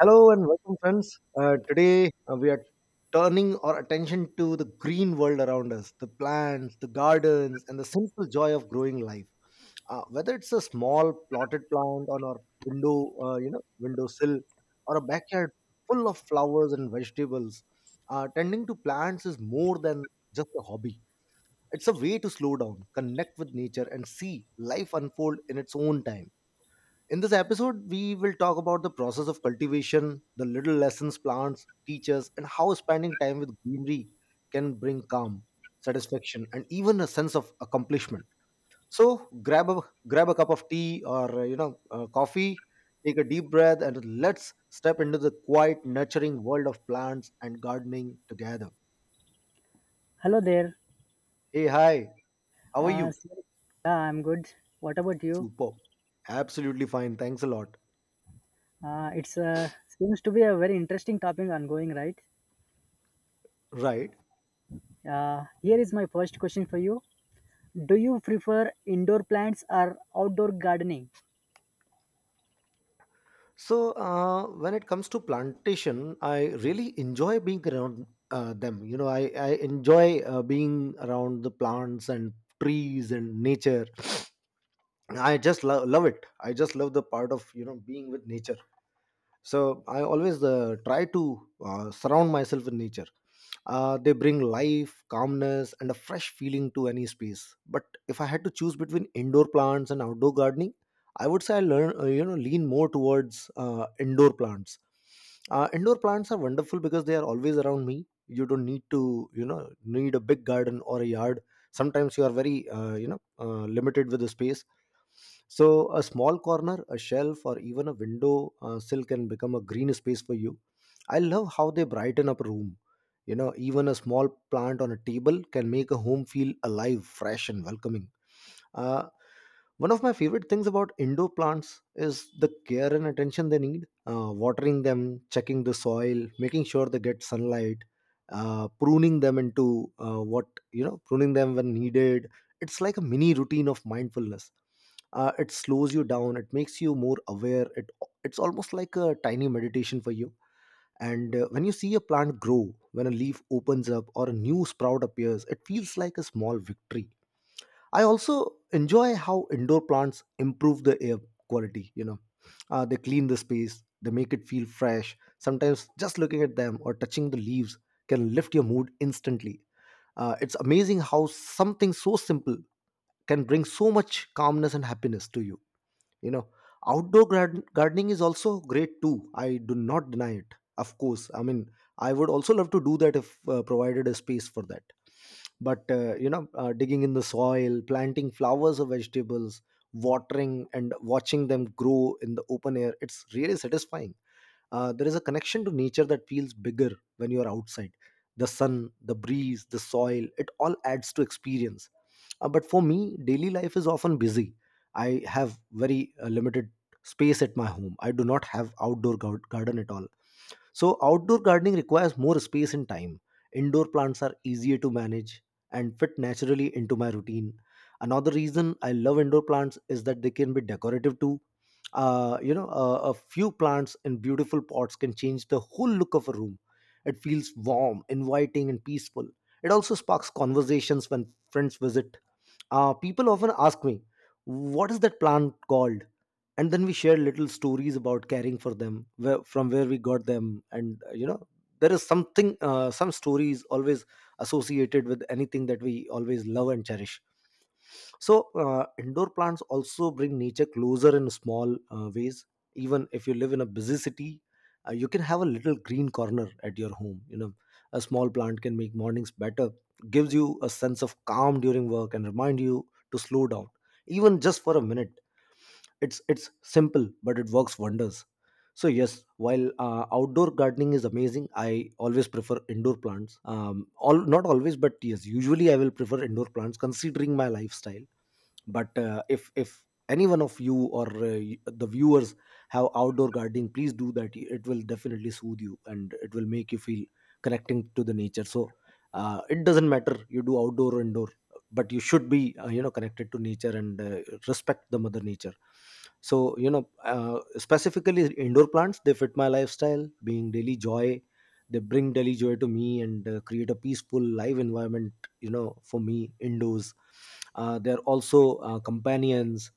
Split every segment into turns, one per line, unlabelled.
Hello and welcome, friends. Today we are turning our attention to the green world around us, the plants, the gardens, and the simple joy of growing life. Whether it's a small plotted plant on our window, windowsill, or a backyard full of flowers and vegetables, tending to plants is more than just a hobby. It's a way to slow down, connect with nature, and see life unfold in its own time. In this episode, we will talk about the process of cultivation, the little lessons plants teach us, and how spending time with greenery can bring calm, satisfaction, and even a sense of accomplishment. So grab a grab a cup of tea or coffee, take a deep breath, and let's step into the quiet, nurturing world of plants and gardening together.
Hello there.
Hey, hi, how are
Uh,
you?
so- yeah, I'm good. What about you?
Super, absolutely fine. Thanks a lot.
It's seems to be a very interesting topic ongoing, right?
Right.
Here is my first question for you. Do you prefer indoor plants or outdoor gardening?
So when it comes to plantation, I really enjoy being around them. I enjoy being around the plants and trees and nature. I just love it. I just love the part of being with nature, so I always try to surround myself with nature. They bring life, calmness, and a fresh feeling to any space. But if I had to choose between indoor plants and outdoor gardening, I would say I learn you know lean more towards indoor plants. Indoor plants are wonderful because they are always around me. You don't need to you know need a big garden or a yard. Sometimes you are very limited with the space, so a small corner, a shelf, or even a window sill can become a green space for you. I love how they brighten up a room. You know, even a small plant on a table can make a home feel alive, fresh, and welcoming. Uh, One of my favorite things about indoor plants is the care and attention they need. Watering them, checking the soil, making sure they get sunlight, pruning them into what you know, pruning them when needed. It's like a mini routine of mindfulness. It slows you down, it makes you more aware, it's almost like a tiny meditation for you. And when you see a plant grow, when a leaf opens up or a new sprout appears, it feels like a small victory. I also enjoy how indoor plants improve the air quality. They clean the space, they make it feel fresh. Sometimes just looking at them or touching the leaves can lift your mood instantly. It's amazing how something so simple can bring so much calmness and happiness to you you know Gardening is also great too, I do not deny it. Of course, I mean, I would also love to do that if provided a space for that. But digging in the soil, planting flowers or vegetables, watering and watching them grow in the open air, it's really satisfying. There is a connection to nature that feels bigger when you are outside. The sun, the breeze, the soil, it all adds to experience. But for me, daily life is often busy. I have very limited space at my home. I do not have outdoor garden at all. So outdoor gardening requires more space and time. Indoor plants are easier to manage and fit naturally into my routine. Another reason I love indoor plants is that they can be decorative too. A few plants in beautiful pots can change the whole look of a room. It feels warm, inviting, and peaceful. It also sparks conversations when friends visit. People often ask me, "What is that plant called?" And then we share little stories about caring for them, from where we got them. And there is something, some stories always associated with anything that we always love and cherish. So indoor plants also bring nature closer in small ways. Even if you live in a busy city, you can have a little green corner at your home. A small plant can make mornings better, gives you a sense of calm during work, and remind you to slow down, even just for a minute. It's simple but it works wonders. So yes, while outdoor gardening is amazing, I always prefer indoor plants. Um, all, not always, but yes, usually I will prefer indoor plants considering my lifestyle. But if any one of you, or the viewers, have outdoor gardening, please do that. It will definitely soothe you and it will make you feel connecting to the nature. So it doesn't matter, you do outdoor or indoor, but you should be connected to nature and respect the mother nature. So specifically indoor plants, they fit my lifestyle, being daily joy. They bring daily joy to me and create a peaceful live environment. You know, for me, indoors, they're also companions.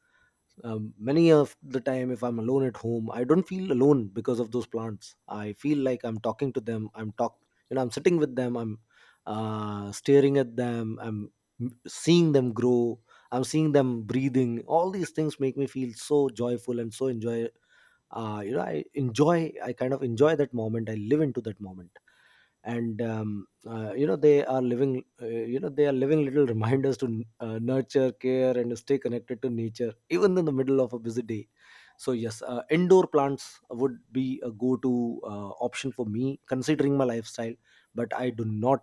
Um, many of the time if I'm alone at home, I don't feel alone because of those plants. I feel like I'm talking to them, I'm talk you know I'm sitting with them, I'm staring at them, I'm seeing them grow, I'm seeing them breathing. All these things make me feel so joyful and so enjoy. I kind of enjoy that moment, I live into that moment. And you know they are living you know they are living little reminders to nurture, care, and stay connected to nature even in the middle of a busy day. So yes, indoor plants would be a go to option for me considering my lifestyle. But I do not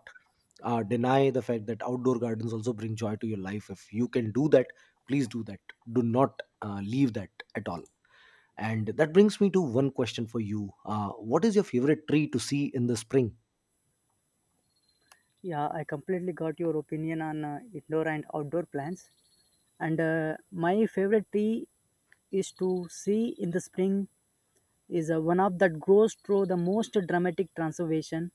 deny the fact that outdoor gardens also bring joy to your life. If you can do that, please do that. Do not leave that at all. And that brings me to one question for you. What is your favorite tree to see in the spring?
Yeah, I completely got your opinion on indoor and outdoor plants. And My favorite tree is to see in the spring is one of that grows through the most dramatic transformation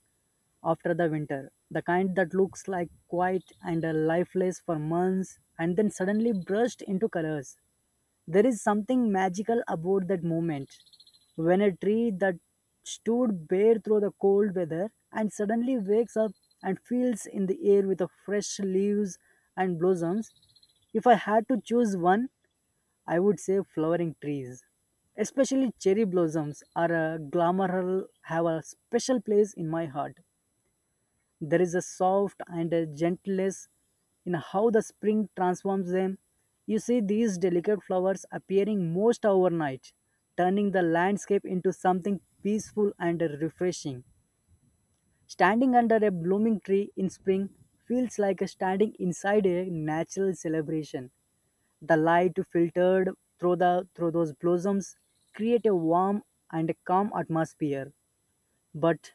after the winter. The kind that looks like quiet and lifeless for months and then suddenly burst into colors. There is something magical about that moment when a tree that stood bare through the cold weather and suddenly wakes up and fills in the air with the fresh leaves and blossoms. If I had to choose one, I would say flowering trees, especially cherry blossoms, are a glamour have a special place in my heart. There is a soft and a gentleness in how the spring transforms them. You see these delicate flowers appearing most overnight, turning the landscape into something peaceful and refreshing. Standing under a blooming tree in spring feels like standing inside a natural celebration. The light filtered through those blossoms create a warm and calm atmosphere. But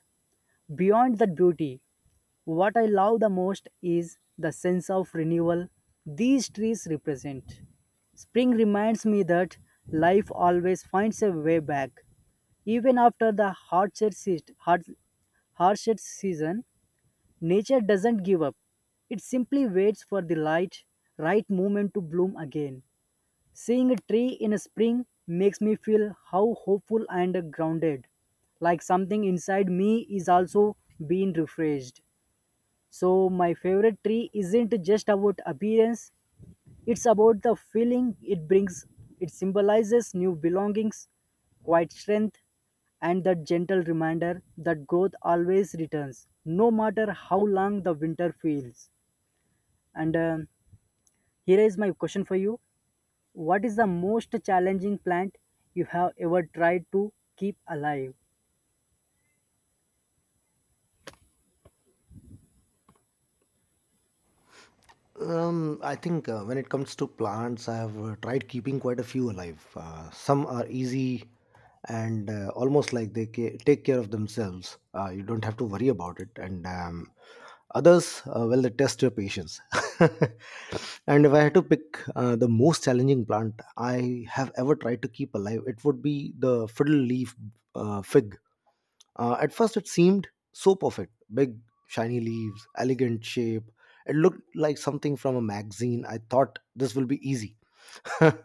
beyond that beauty, what I love the most is the sense of renewal these trees represent. Spring reminds me that life always finds a way back. Even after the hardship season, nature doesn't give up. It simply waits for the light, right moment to bloom again. Seeing a tree in spring makes me feel how hopeful and grounded. Like something inside me is also being refreshed. So, my favorite tree isn't just about appearance, it's about the feeling it brings. It symbolizes new belongings, quiet strength, and that gentle reminder that growth always returns, no matter how long the winter feels. And Here is my question for you. What is the most challenging plant you have ever tried to keep alive?
I think when it comes to plants, I have tried keeping quite a few alive. Some are easy and almost like they take care of themselves. You don't have to worry about it. And others, well, they test your patience. And if I had to pick the most challenging plant I have ever tried to keep alive, it would be the fiddle leaf fig. At first, it seemed so perfect: big, shiny leaves, elegant shape. It looked like something from a magazine. I thought this will be easy. I,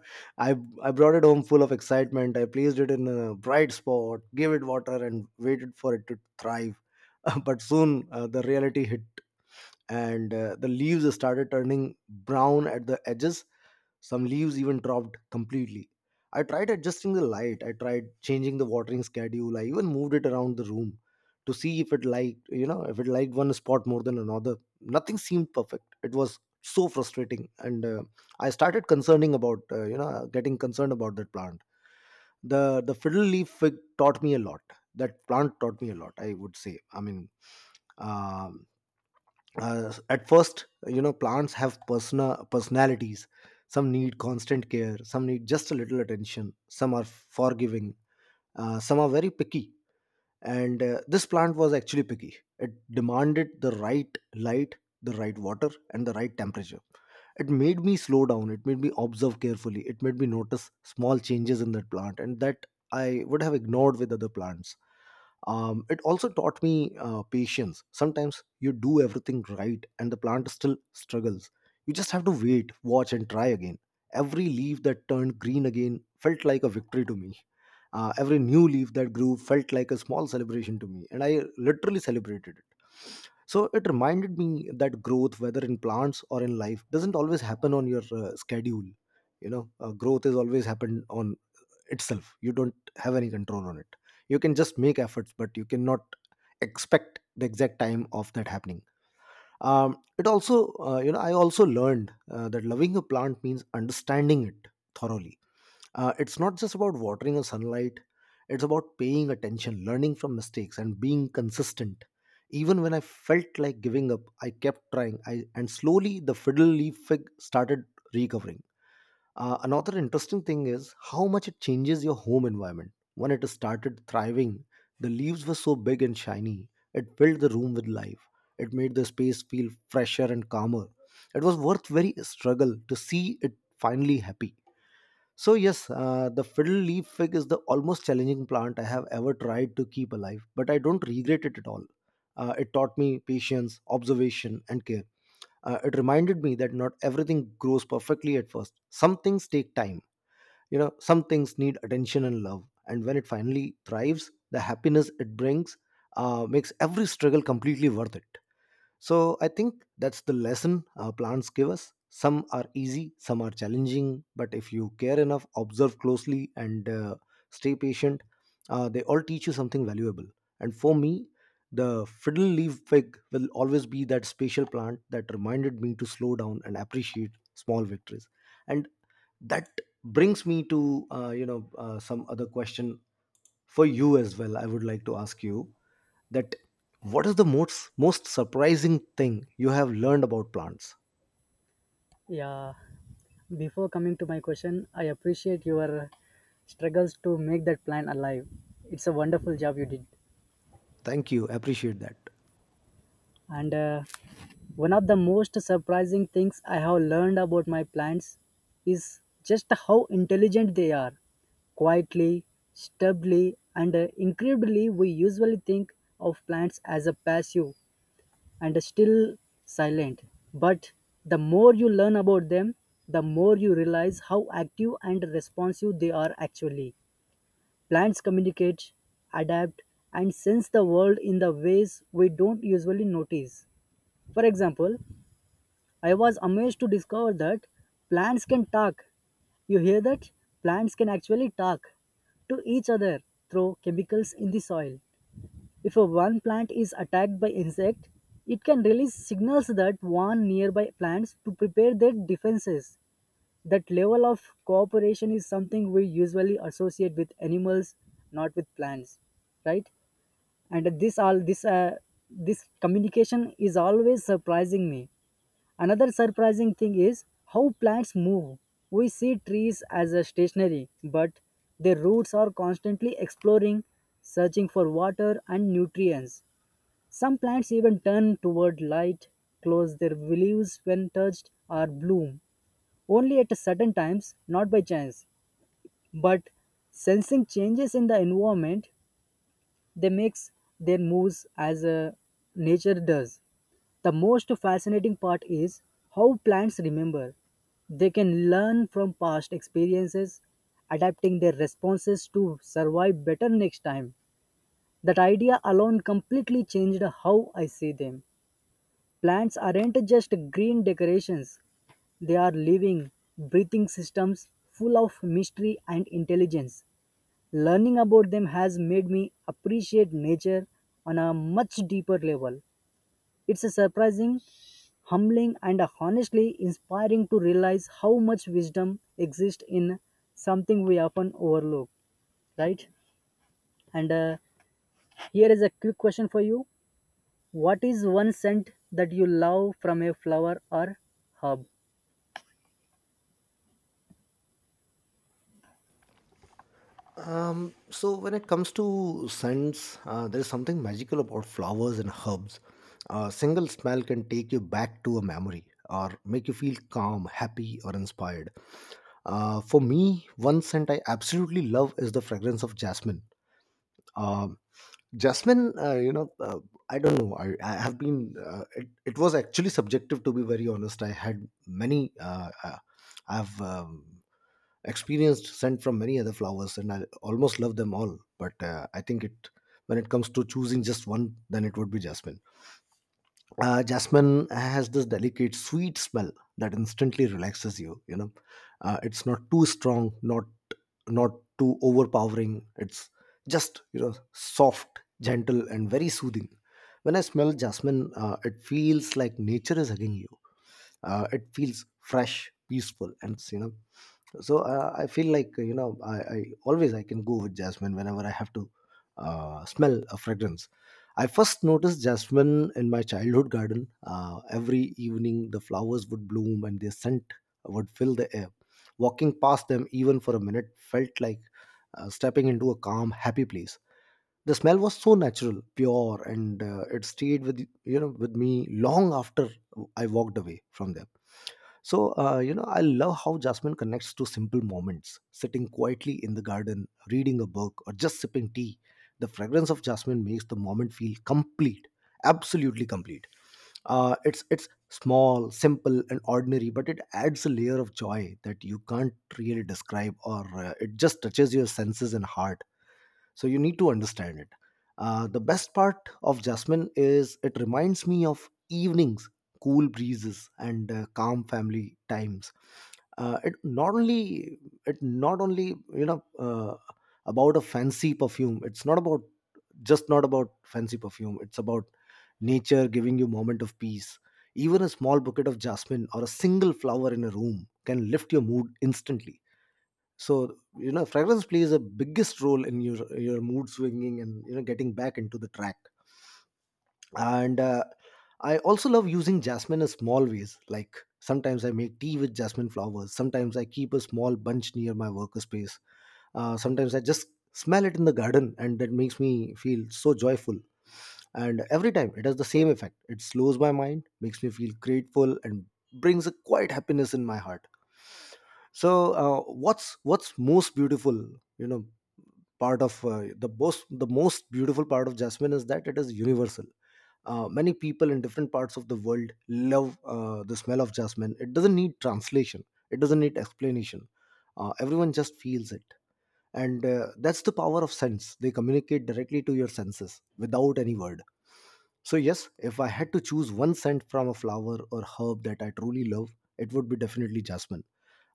I brought it home full of excitement. I placed it in a bright spot, gave it water, and waited for it to thrive. But soon the reality hit, and the leaves started turning brown at the edges. Some leaves even dropped completely. I tried adjusting the light, I tried changing the watering schedule, I even moved it around the room to see if it liked, you know, if it liked one spot more than another. Nothing seemed perfect. It was so frustrating, and I started concerning about, getting concerned about that plant. The fiddle leaf fig taught me a lot. That plant taught me a lot, I would say. I mean, uh, at first, you know, plants have personalities. Some need constant care, some need just a little attention, some are forgiving, some are very picky. And this plant was actually picky. It demanded the right light, the right water, and the right temperature. It made me slow down, it made me observe carefully, it made me notice small changes in that plant and that I would have ignored with other plants. It also taught me patience. Sometimes you do everything right and the plant still struggles. You just have to wait, watch, and try again. Every leaf that turned green again felt like a victory to me. Every new leaf that grew felt like a small celebration to me, and I literally celebrated it. So it reminded me that growth, whether in plants or in life, doesn't always happen on your schedule. You know, growth is always happened on itself. You don't have any control on it. You can just make efforts, but you cannot expect the exact time of that happening. It also, I also learned that loving a plant means understanding it thoroughly. It's not just about watering or sunlight, it's about paying attention, learning from mistakes, and being consistent. Even when I felt like giving up, I kept trying, and slowly the fiddle leaf fig started recovering. Another interesting thing is how much it changes your home environment. When it started thriving, the leaves were so big and shiny, it filled the room with life. It made the space feel fresher and calmer. It was worth very struggle to see it finally happy. So yes, the fiddle leaf fig is the almost challenging plant I have ever tried to keep alive, but I don't regret it at all. It taught me patience, observation, and care. It reminded me that not everything grows perfectly at first. Some things take time. You know, some things need attention and love. And when it finally thrives, the happiness it brings makes every struggle completely worth it. So I think that's the lesson plants give us. Some are easy, some are challenging, but if you care enough, observe closely, and stay patient, they all teach you something valuable. And for me, the fiddle leaf fig will always be that special plant that reminded me to slow down and appreciate small victories. And that brings me to some other question for you as well. I would like to ask you that what is the most surprising thing you have learned about plants.
Yeah, before coming to my question, I appreciate your struggles to make that plant alive. It's a wonderful job you did.
Thank you, appreciate that.
And One of the most surprising things I have learned about my plants is just how intelligent they are. Quietly, stubbornly, and incredibly, we usually think of plants as a passive and still silent. But the more you learn about them, the more you realize how active and responsive they are actually. Plants communicate, adapt, and sense the world in the ways we don't usually notice. For example, I was amazed to discover that plants can talk. You hear that? Plants can actually talk to each other through chemicals in the soil. If a one plant is attacked by insect, it can release signals that warn nearby plants to prepare their defenses. That level of cooperation is something we usually associate with animals, not with plants, right? And this all this this communication is always surprising me. Another surprising thing is how plants move. We see trees as a stationary, but their roots are constantly exploring, searching for water and nutrients. Some plants even turn toward light, close their leaves when touched, or bloom only at certain times, not by chance. But sensing changes in the environment, they make their moves as nature does. The most fascinating part is how plants remember. They can learn from past experiences, adapting their responses to survive better next time. That idea alone completely changed how I see them. Plants aren't just green decorations, they are living, breathing systems full of mystery and intelligence. Learning about them has made me appreciate nature on a much deeper level. It's a surprising, humbling, and honestly inspiring to realize how much wisdom exists in something we often overlook, right? And Here is a quick question for you. What is one scent that you love from a flower or herb?
So when it comes to scents, there is something magical about flowers and herbs. A single smell can take you back to a memory or make you feel calm, happy, or inspired. For me, one scent I absolutely love is the fragrance of jasmine. Um Jasmine, I don't know. I have been. It was actually subjective, to be very honest. I had many. I've experienced scent from many other flowers, and I almost love them all. But I think when it comes to choosing just one, then it would be jasmine. Uh, jasmine has this delicate sweet smell that instantly relaxes you, you know. It's not too strong, not too overpowering. It's just, you know, soft, gentle, and very soothing. When I smell jasmine, it feels like nature is hugging you. It feels fresh, peaceful, and you know. So I feel like, you know, I can go with jasmine whenever I have to smell a fragrance. I first noticed jasmine in my childhood garden. Every evening the flowers would bloom and their scent would fill the air. Walking past them even for a minute felt like stepping into a calm, happy place. The smell was so natural, pure, and it stayed with, with me long after I walked away from there. So, I love how jasmine connects to simple moments, sitting quietly in the garden, reading a book, or just sipping tea. The fragrance of jasmine makes the moment feel complete, absolutely complete. It's small, simple, and ordinary, but it adds a layer of joy that you can't really describe, or it just touches your senses and heart, so you need to understand it. The best part of jasmine is it reminds me of evenings, cool breezes, and calm family times. Uh, it not only you know about a fancy perfume, it's not about, just not about fancy perfume, it's about nature giving you moment of peace. Even a small bouquet of jasmine or a single flower in a room can lift your mood instantly. So you know, fragrance plays a biggest role in your mood swinging and, you know, getting back into the track. And I also love using jasmine in small ways, like sometimes I make tea with jasmine flowers, sometimes I keep a small bunch near my workspace. Sometimes I just smell it in the garden and that makes me feel so joyful. And every time it has the same effect, it slows my mind, makes me feel grateful, and brings a quiet happiness in my heart. So what's most beautiful, you know part of, uh, the most beautiful part of jasmine is that it is universal. Many people in different parts of the world love the smell of jasmine. It doesn't need translation, it doesn't need explanation. Everyone just feels it. And That's the power of sense, they communicate directly to your senses without any word. So yes, if I had to choose one scent from a flower or herb that I truly love, it would be definitely jasmine.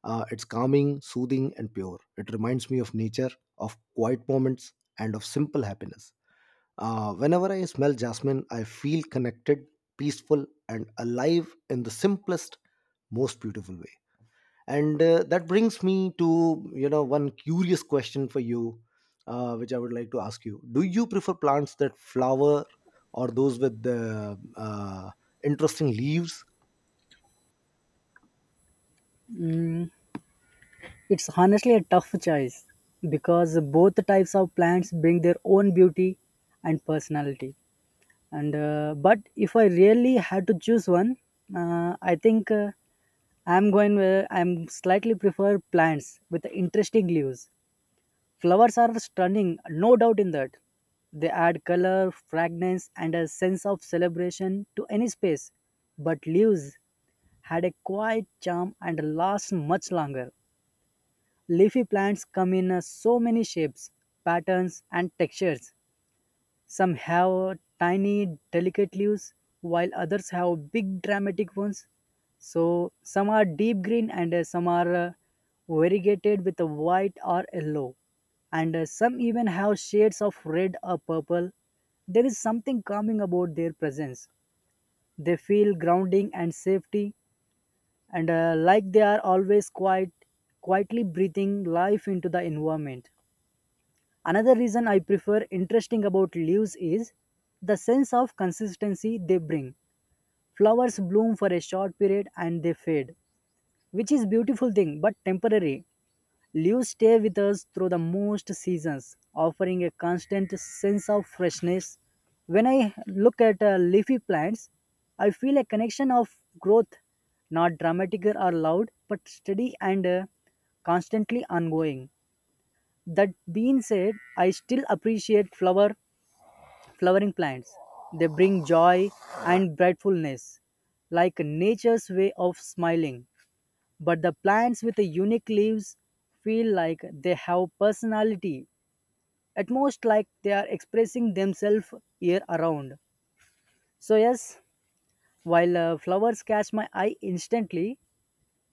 It's calming, soothing, and pure. It reminds me of nature, of quiet moments, and of simple happiness. Whenever I smell jasmine, I feel connected, peaceful, and alive in the simplest, most beautiful way. And That brings me to, you know, one curious question for you, which I would like to ask you. Do you prefer plants that flower or those with the interesting leaves?
Mm, it's honestly a tough choice because both types of plants bring their own beauty and personality. And But if I really had to choose one, uh, I think uh, I'm going where I'm slightly prefer plants with interesting leaves. Flowers are stunning, no doubt in that. They add color, fragrance, and a sense of celebration to any space. But leaves had a quiet charm and last much longer. Leafy plants come in so many shapes, patterns, and textures. Some have tiny, delicate leaves, while others have big, dramatic ones. So, some are deep green and some are variegated with a white or yellow, and some even have shades of red or purple. There is something calming about their presence. They feel grounding and safety, and like they are always quietly breathing life into the environment. Another reason I prefer interesting about leaves is the sense of consistency they bring. Flowers bloom for a short period and they fade, which is beautiful thing but temporary. Leaves stay with us through the most seasons, offering a constant sense of freshness. When I look at leafy plants, I feel a connection of growth, not dramatic or loud, but steady and constantly ongoing. That being said, I still appreciate flowering plants. They bring joy and brightfulness, like nature's way of smiling. But the plants with the unique leaves feel like they have personality, at most like they are expressing themselves year around. So, yes, while flowers catch my eye instantly,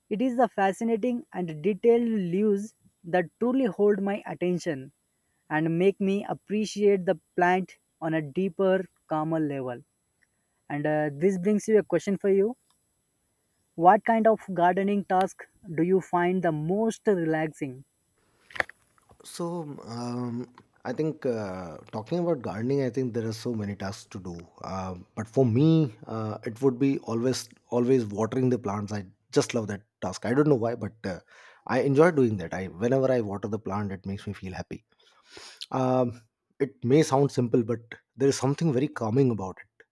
it is the fascinating and detailed leaves that truly hold my attention and make me appreciate the plant on a deeper, calmer level. And This brings you a question for you. What kind of gardening task do you find the most relaxing?
so um, I think, talking about gardening, I think there are so many tasks to do, but for me, it would be always watering the plants. I just love that task. I don't know why, but I enjoy doing that. I whenever I water the plant it makes me feel happy. Um, it may sound simple, but there is something very calming about it.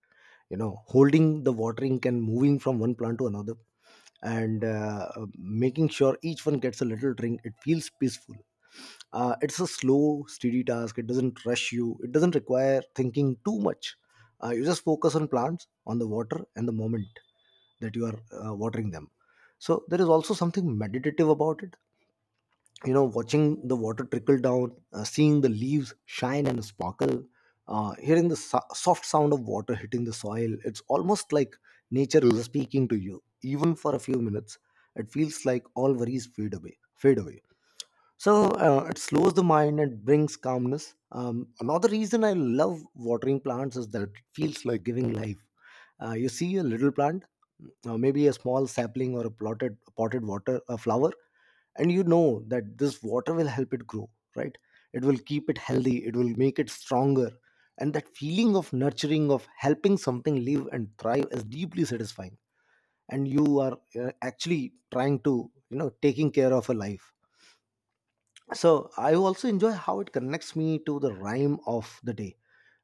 You know, holding the watering can, moving from one plant to another and making sure each one gets a little drink. It feels peaceful. It's a slow, steady task. It doesn't rush you. It doesn't require thinking too much. You just focus on plants, on the water, and the moment that you are watering them. So there is also something meditative about it, you know, watching the water trickle down, seeing the leaves shine and sparkle, hearing the soft sound of water hitting the soil. It's almost like nature is speaking to you. Even for a few minutes, it feels like all worries fade away. So it slows the mind and brings calmness. Another reason I love watering plants is that it feels like giving life. You see a little plant, maybe a small sapling or a plotted potted water a flower, and you know that this water will help it grow, right? It will keep it healthy, it will make it stronger. And that feeling of nurturing, of helping something live and thrive, is deeply satisfying. And you are actually trying to, you know, taking care of a life. So I also enjoy how it connects me to the rhyme of the day,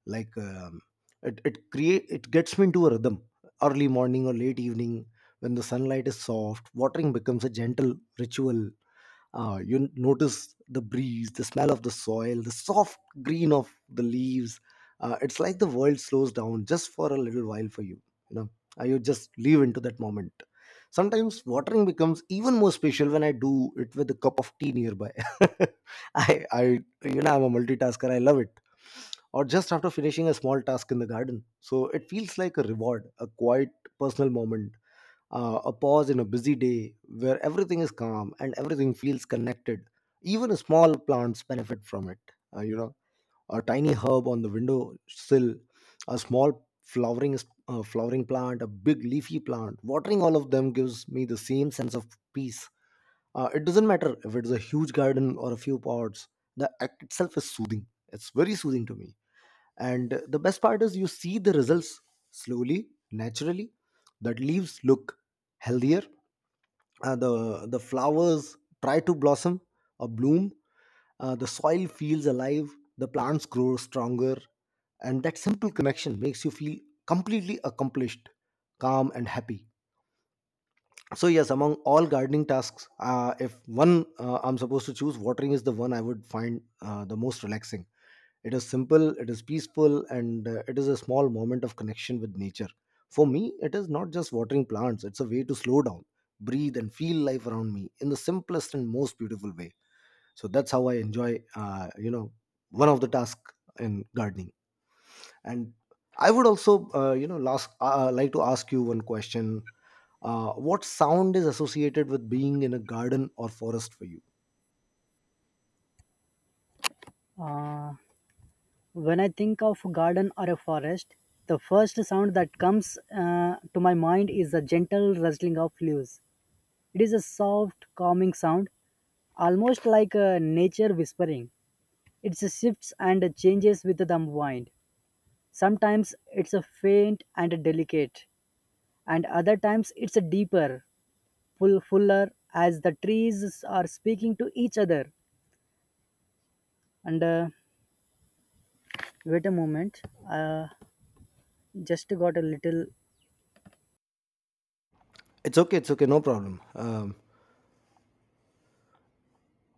like it gets me into a rhythm. Early morning or late evening, when the sunlight is soft, watering becomes a gentle ritual. You notice the breeze, the smell of the soil, the soft green of the leaves. It's like the world slows down just for a little while for you. You know, you just live into that moment. Sometimes watering becomes even more special when I do it with a cup of tea nearby. I, I, you know, I'm a multitasker. I love it. Or just after finishing a small task in the garden, so it feels like a reward, a quiet personal moment, a pause in a busy day where everything is calm and everything feels connected. Even small plants benefit from it. You know, a tiny herb on the window sill, a small flowering plant, a big leafy plant. Watering all of them gives me the same sense of peace. It doesn't matter if it's a huge garden or a few pots. The act itself is soothing. It's very soothing to me. And the best part is you see the results slowly, naturally. The leaves look healthier. The flowers try to blossom or bloom. The soil feels alive. The plants grow stronger, and that simple connection makes you feel completely accomplished, calm, and happy. So yes, among all gardening tasks, if one, I'm supposed to choose, watering is the one I would find the most relaxing. It is simple, it is peaceful, and it is a small moment of connection with nature. For me, it is not just watering plants, it's a way to slow down, breathe, and feel life around me in the simplest and most beautiful way. So that's how I enjoy, one of the tasks in gardening. And I would also, last, like to ask you one question. What sound is associated with being in a garden or forest for you?
Uh, when I think of garden or a forest, the first sound that comes to my mind is the gentle rustling of leaves. It is a soft, calming sound, almost like nature whispering. It shifts and changes with the wind. Sometimes it's a faint and delicate, and other times it's a deeper, fuller as the trees are speaking to each other and wait a moment. uh, just got a little.
It's okay, no problem. Um,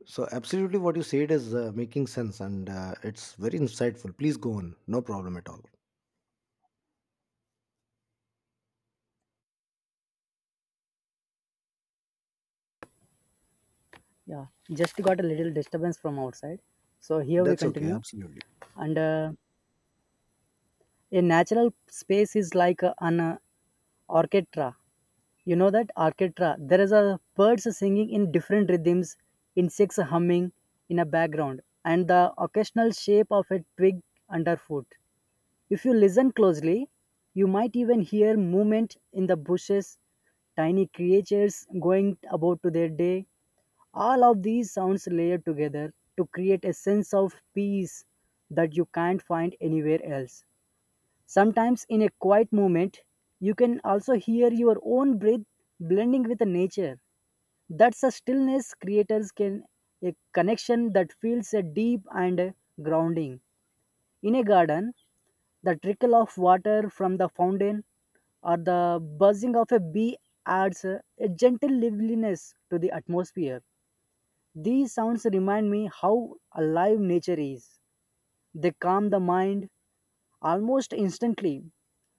So, absolutely what you said is making sense, and it's very insightful. Please go on. No problem at all.
Yeah, just got a little disturbance from outside, so here we
That's okay.
continue.
Absolutely.
And A natural space is like an orchestra. You know that orchestra, there is a birds singing in different rhythms, insects humming in a background, and the occasional shape of a twig underfoot. If you listen closely, you might even hear movement in the bushes, tiny creatures going about to their day. All of these sounds layer together to create a sense of peace that you can't find anywhere else. Sometimes, in a quiet moment, you can also hear your own breath blending with the nature. That's a stillness creators can a connection that feels a deep and grounding. In a garden, the trickle of water from the fountain or the buzzing of a bee adds a gentle liveliness to the atmosphere. These sounds remind me how alive nature is. They calm the mind almost instantly.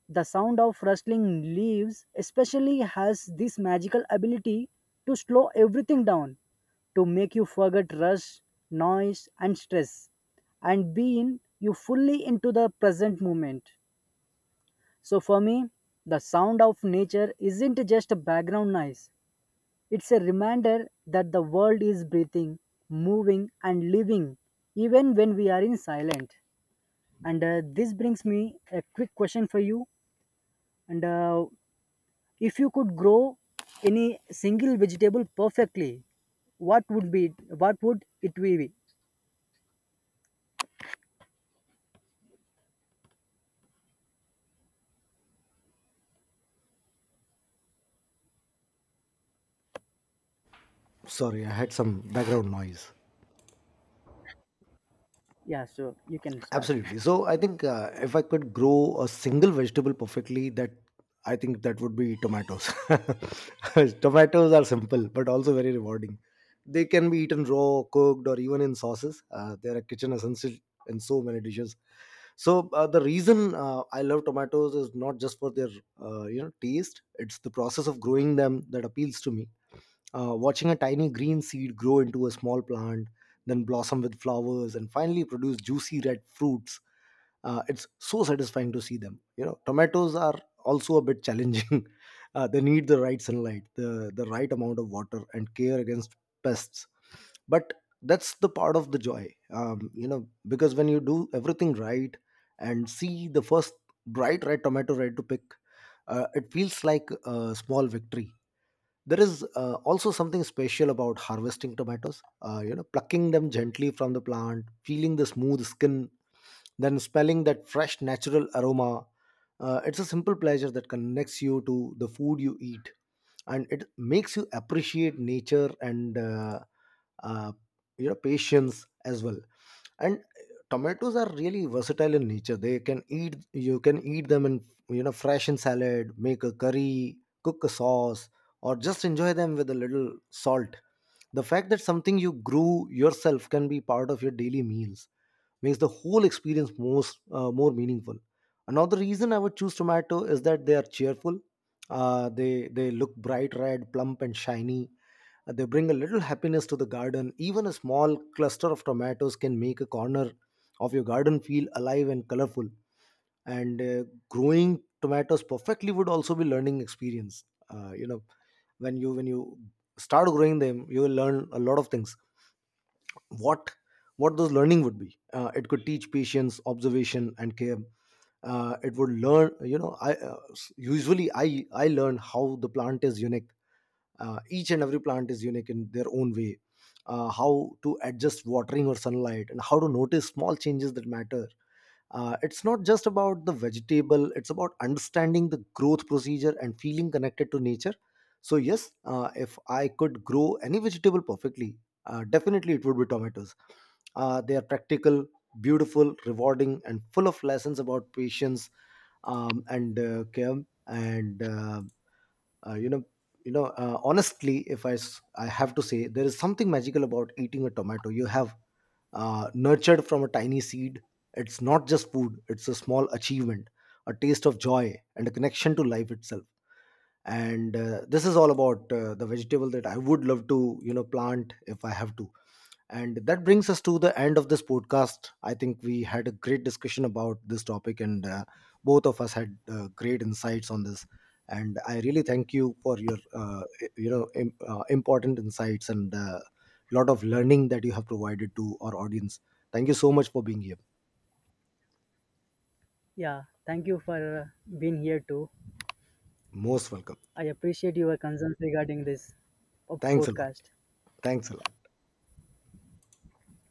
The sound of rustling leaves, especially, has this magical ability to slow everything down, to make you forget rush, noise, and stress, and be in you fully into the present moment. So for me, the sound of nature isn't just a background noise. It's a reminder that the world is breathing, moving, and living, even when we are in silent. And This brings me a quick question for you. And If you could grow any single vegetable perfectly, what would be? What would it be?
Sorry, I had some background noise.
Yeah, so you can start.
Absolutely. So I think if I could grow a single vegetable perfectly, that I think that would be tomatoes. Tomatoes are simple but also very rewarding. They can be eaten raw, cooked, or even in sauces. They're a kitchen essential in so many dishes. So the reason I love tomatoes is not just for their taste; it's the process of growing them that appeals to me. Watching a tiny green seed grow into a small plant, then blossom with flowers, and finally produce juicy red fruits. It's so satisfying to see them. You know, tomatoes are also a bit challenging. They need the right sunlight, the right amount of water, and care against pests. But that's the part of the joy, you know, because when you do everything right and see the first bright red tomato ready to pick, it feels like a small victory. There is also something special about harvesting tomatoes. Plucking them gently from the plant, feeling the smooth skin, then smelling that fresh natural aroma. It's a simple pleasure that connects you to the food you eat, and it makes you appreciate nature and uh, patience as well. And tomatoes are really versatile in nature. They can eat You can eat them in you know, fresh in salad, make a curry, cook a sauce, or just enjoy them with a little salt. The fact that something you grew yourself can be part of your daily meals makes the whole experience most more meaningful. Another reason I would choose tomato is that they are cheerful. They look bright red, plump, and shiny. They bring a little happiness to the garden. Even a small cluster of tomatoes can make a corner of your garden feel alive and colorful. And growing tomatoes perfectly would also be learning experience. uh, you know when you start growing them, you will learn a lot of things. What what those learning would be, it could teach patience, observation, and care. It would learn, you know, usually I learn how the plant is unique. Each and every plant is unique in their own way. How to adjust watering or sunlight, and how to notice small changes that matter. It's not just about the vegetable, it's about understanding the growth procedure and feeling connected to nature. So yes, if I could grow any vegetable perfectly, definitely it would be tomatoes. They are practical, beautiful, rewarding, and full of lessons about patience, and care. And uh, you know you know Honestly, if I, s- I have to say there is something magical about eating a tomato you have nurtured from a tiny seed. It's not just food, it's a small achievement, a taste of joy, and a connection to life itself. And this is all about the vegetable that I would love to, you know, plant if I have to. And that brings us to the end of this podcast. I think we had a great discussion about this topic, and both of us had great insights on this. And I really thank you for your, important insights, and lot of learning that you have provided to our audience. Thank you so much for being here.
Yeah, thank you for being here too.
Most welcome.
I appreciate your concerns regarding this
Thanks a lot.
podcast.
Thanks a lot.